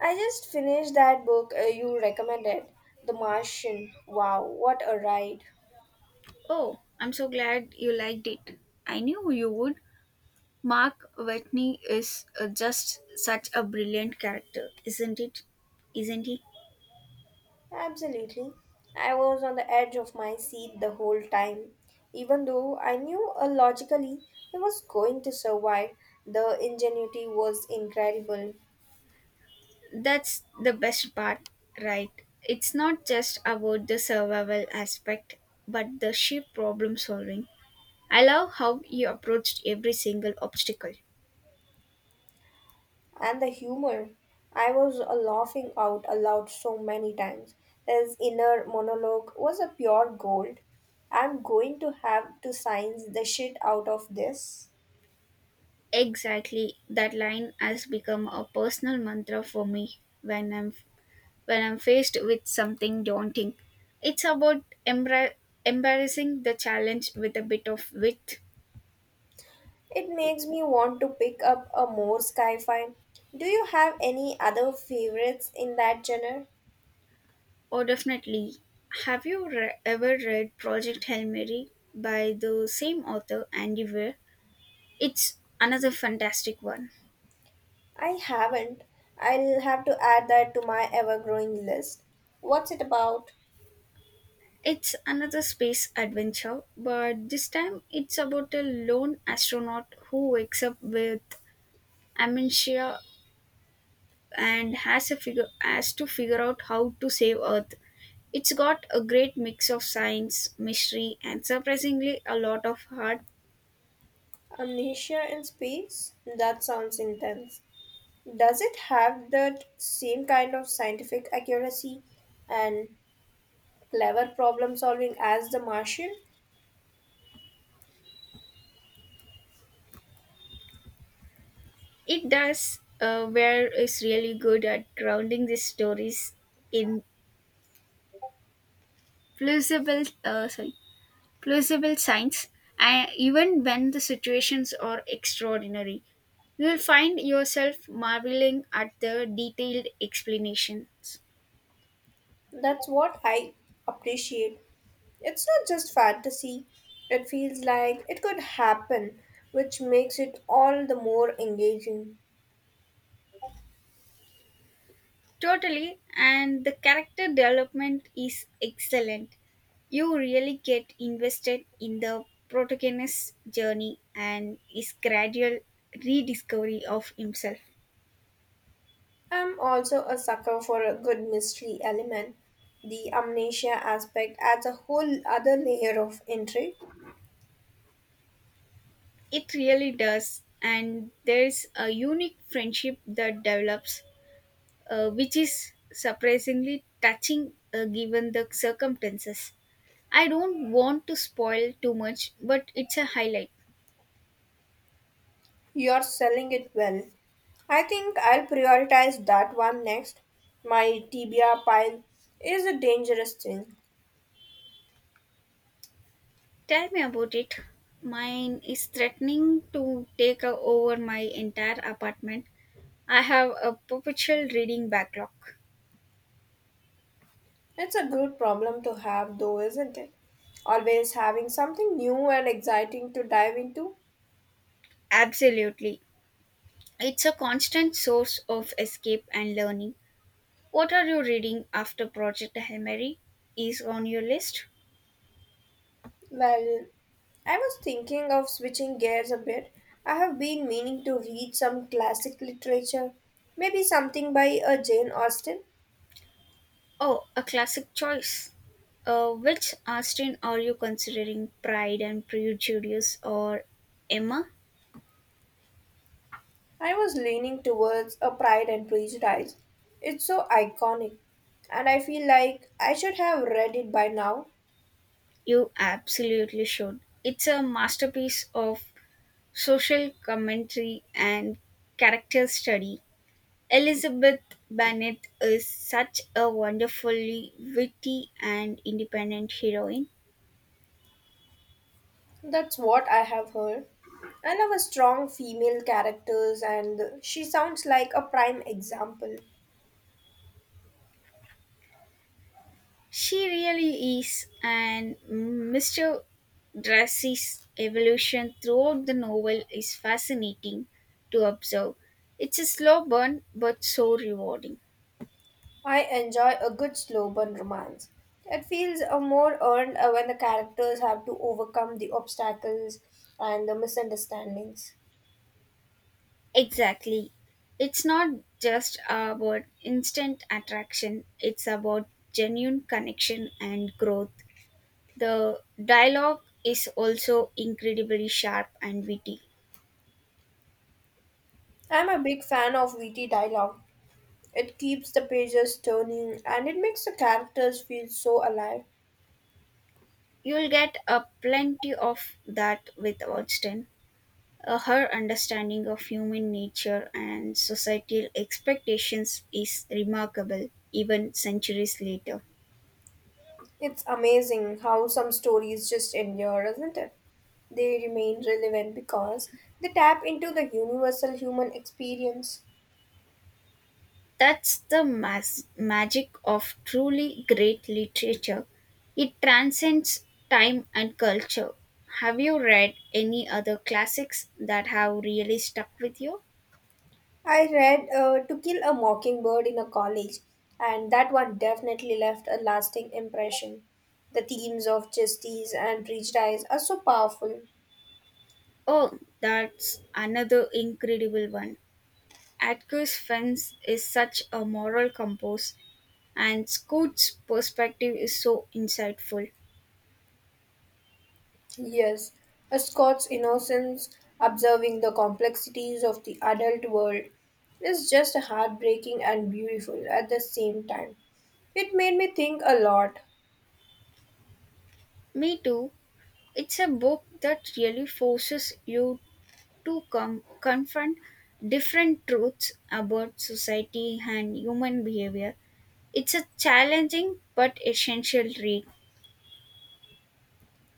I just finished that book you recommended, The Martian. Wow, what a ride! Oh, I'm so glad you liked it. I knew you would. Mark Watney is just such a brilliant character, isn't it? Isn't he? Absolutely. I was on the edge of my seat the whole time. Even though I knew logically he was going to survive, the ingenuity was incredible. That's the best part, right? It's not just about the survival aspect, but the sheer problem solving. I love how you approached every single obstacle. And the humor. I was laughing out aloud so many times. His inner monologue was a pure gold. I'm going to have to science the shit out of this. Exactly, that line has become a personal mantra for me when I'm faced with something daunting. It's about embarrassing the challenge with a bit of wit. It makes me want to pick up a more sci-fi. Do you have any other favorites in that genre? Oh, definitely. Have you ever read Project Hail Mary by the same author, Andy Weir? It's another fantastic one. I haven't. I'll have to add that to my ever-growing list. What's it about? It's another space adventure, but this time it's about a lone astronaut who wakes up with amnesia and has to figure out how to save Earth. It's got a great mix of science, mystery, and surprisingly a lot of heart. Amnesia in space? That sounds intense. Does it have that same kind of scientific accuracy and clever problem solving as The Martian? It does, where is really good at grounding the stories in plausible, plausible science, and even when the situations are extraordinary. You'll find yourself marveling at the detailed explanations. That's what I appreciate. It's not just fantasy, it feels like it could happen, which makes it all the more engaging. Totally, and the character development is excellent. You really get invested in the protagonist's journey and his gradual rediscovery of himself. I'm also a sucker for a good mystery element. The amnesia aspect adds a whole other layer of intrigue. It really does, and there's a unique friendship that develops, which is surprisingly touching given the circumstances. I don't want to spoil too much, but it's a highlight. You're selling it well. I think I'll prioritize that one next. My tibia pile is a dangerous thing. Tell me about it. Mine is threatening to take over my entire apartment. I have a perpetual reading backlog. It's a good problem to have, though, isn't it? Always having something new and exciting to dive into. Absolutely. It's a constant source of escape and learning. What are you reading after Project Hail Mary is on your list? Well, I was thinking of switching gears a bit. I have been meaning to read some classic literature, maybe something by a Jane Austen. Oh, a classic choice. Which Austin are you considering, Pride and Prejudice or Emma? I was leaning towards a Pride and Prejudice. It's so iconic, and I feel like I should have read it by now. You absolutely should. It's a masterpiece of social commentary, and character study. Elizabeth Bennet is such a wonderfully witty and independent heroine. That's what I have heard. I love a strong female characters and she sounds like a prime example. She really is, and Mr. Darcy's evolution throughout the novel is fascinating to observe. It's a slow burn but so rewarding. I enjoy a good slow burn romance. It feels more earned when the characters have to overcome the obstacles and the misunderstandings. Exactly. It's not just about instant attraction, it's about genuine connection and growth. The dialogue is also incredibly sharp and witty. I'm a big fan of witty dialogue. It keeps the pages turning and it makes the characters feel so alive. You'll get a plenty of that with Austen. Her understanding of human nature and societal expectations is remarkable even centuries later. It's amazing how some stories just endure, isn't it? They remain relevant because they tap into the universal human experience. That's the magic of truly great literature. It transcends time and culture. Have you read any other classics that have really stuck with you? I read To Kill a Mockingbird in a college, and that one definitely left a lasting impression. The themes of justice and prejudice are so powerful. Oh, that's another incredible one. Atticus Fence is such a moral compass, and Scoot's perspective is so insightful. Yes, a Scots innocence observing the complexities of the adult world is just heartbreaking and beautiful at the same time. It made me think a lot. Me too. It's a book that really forces you to confront different truths about society and human behavior. It's a challenging but essential read.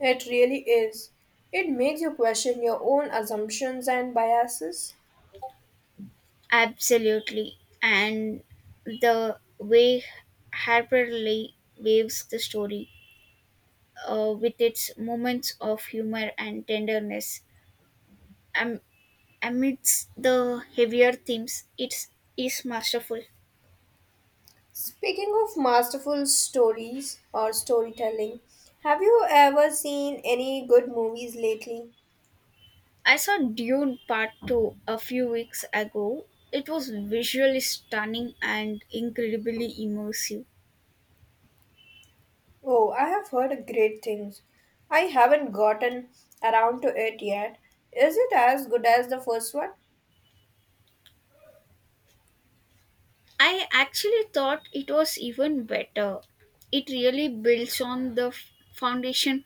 It really is. It makes you question your own assumptions and biases. Absolutely. And the way Harper Lee waves the story with its moments of humor and tenderness am- amidst the heavier themes, it is masterful. Speaking of masterful stories or storytelling, have you ever seen any good movies lately? I saw Dune Part 2 a few weeks ago. It was visually stunning and incredibly immersive. Oh, I have heard great things. I haven't gotten around to it yet. Is it as good as the first one? I actually thought it was even better. It really builds on the foundation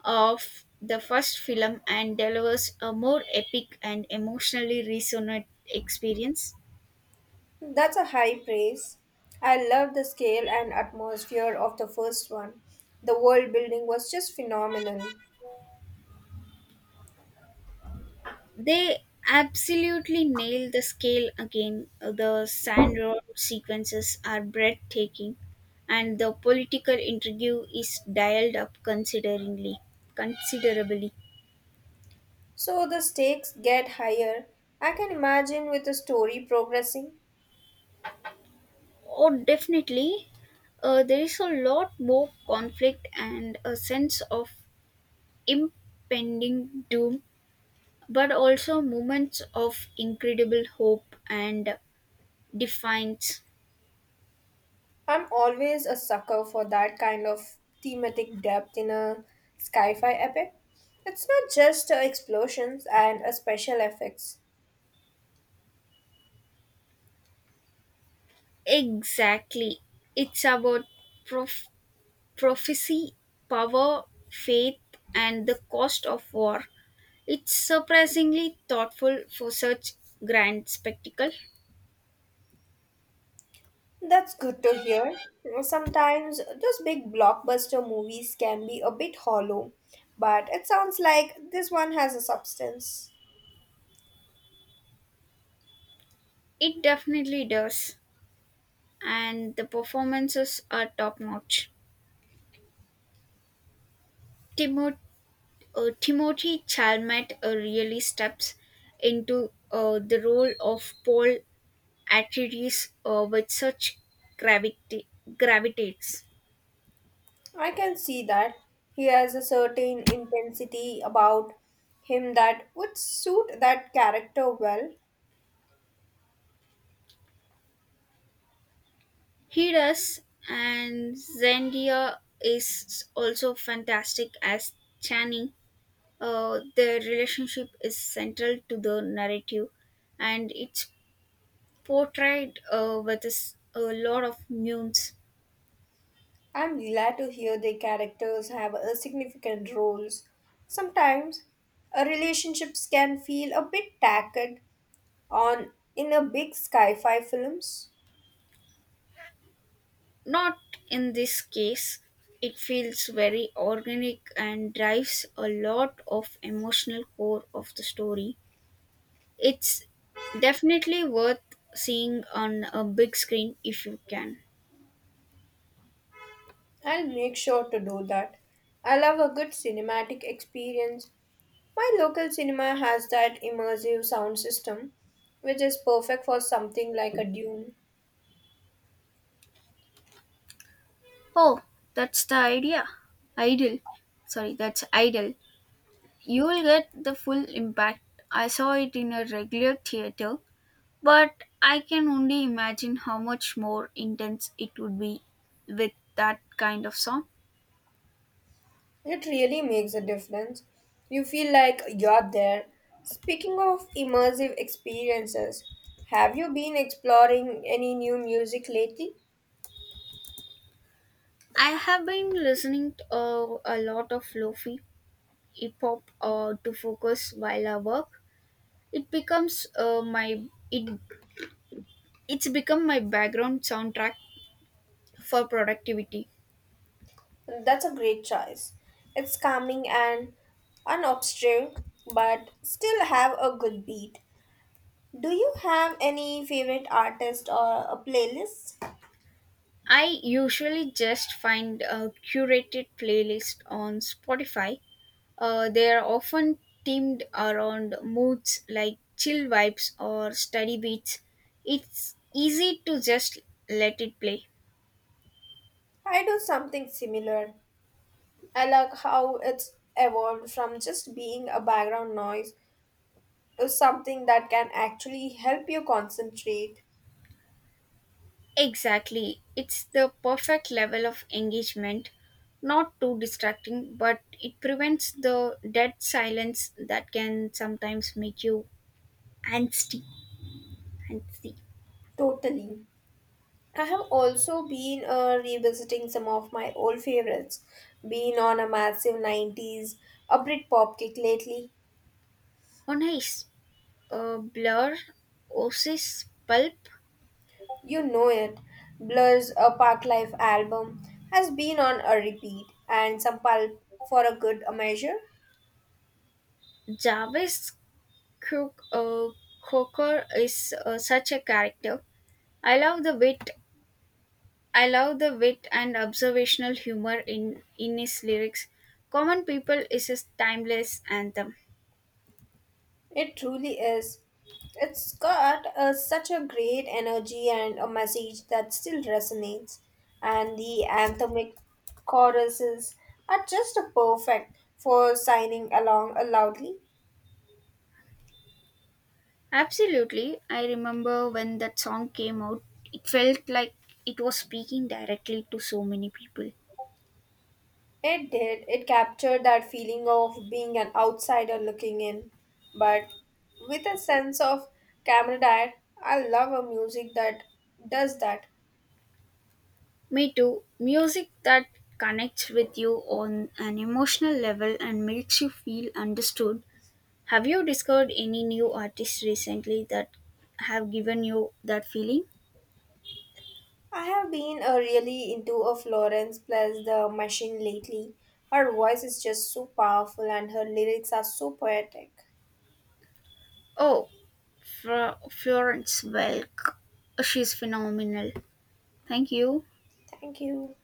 of the first film and delivers a more epic and emotionally resonant experience. That's a high praise. I love the scale and atmosphere of the first one. The world building was just phenomenal. They absolutely nail the scale again. The Sandro sequences are breathtaking, and the political intrigue is dialed up considerably. So the stakes get higher. I can imagine with the story progressing. Oh, definitely. There is a lot more conflict and a sense of impending doom, but also moments of incredible hope and defiance. I'm always a sucker for that kind of thematic depth in a sci fi epic. It's not just explosions and special effects. Exactly. It's about prof. prophecy, power, faith, and the cost of war. It's surprisingly thoughtful for such grand spectacle. That's good to hear. Sometimes those big blockbuster movies can be a bit hollow, but it sounds like this one has a substance. It definitely does, and the performances are top notch. Timot- Timothy Chalmette really steps into the role of Paul Atreides with such gravity- gravitates. I can see that. He has a certain intensity about him that would suit that character well. He does, and Zendaya is also fantastic as Channing. Their relationship is central to the narrative, and it's portrayed with a lot of nuance. I'm glad to hear their characters have a significant roles. Sometimes a relationships can feel a bit tacked on in a big sci-fi films. Not in this case. It feels very organic and drives a lot of emotional core of the story. It's definitely worth seeing on a big screen if you can. I'll make sure to do that. I love a good cinematic experience. My local cinema has that immersive sound system, which is perfect for something like a Dune. Oh, that's the idea. Ideal. Sorry, that's ideal. You will get the full impact. I saw it in a regular theater, but I can only imagine how much more intense it would be with that kind of song. It really makes a difference. You feel like you're there. Speaking of immersive experiences, have you been exploring any new music lately? I have been listening to a lot of lofi hip hop to focus while I work. It becomes uh, my it it's become my background soundtrack for productivity. That's a great choice. It's calming and unobtrusive, but still have a good beat. Do you have any favorite artist or a playlist? I usually just find a curated playlist on Spotify. They are often themed around moods like chill vibes or study beats. It's easy to just let it play. I do something similar. I like how it's evolved from just being a background noise to something that can actually help you concentrate Exactly. It's the perfect level of engagement, not too distracting, but it prevents the dead silence that can sometimes make you angsty. angsty. totally. I have also been revisiting some of my old favorites, been on a massive 90s a Britpop kick lately. Oh, nice. Blur, Oasis, Pulp, You know it. Blur's A Park Life album has been on a repeat, and some pulp for a good measure. Jarvis Cook, uh, Cocker is such a character. I love the wit. I love the wit and observational humor in his lyrics. Common People is his timeless anthem. It truly is. It's got a, such a great energy and a message that still resonates. And the anthemic choruses are just perfect for signing along loudly. Absolutely, I remember when that song came out. It felt like it was speaking directly to so many people. It did. It captured that feeling of being an outsider looking in, but with a sense of camaraderie. I love a music that does that. Me too. Music that connects with you on an emotional level and makes you feel understood. Have you discovered any new artists recently that have given you that feeling? I have been really into a Florence plus the machine lately. Her voice is just so powerful and her lyrics are so poetic. Oh, Florence Welk. She's phenomenal. Thank you. Thank you.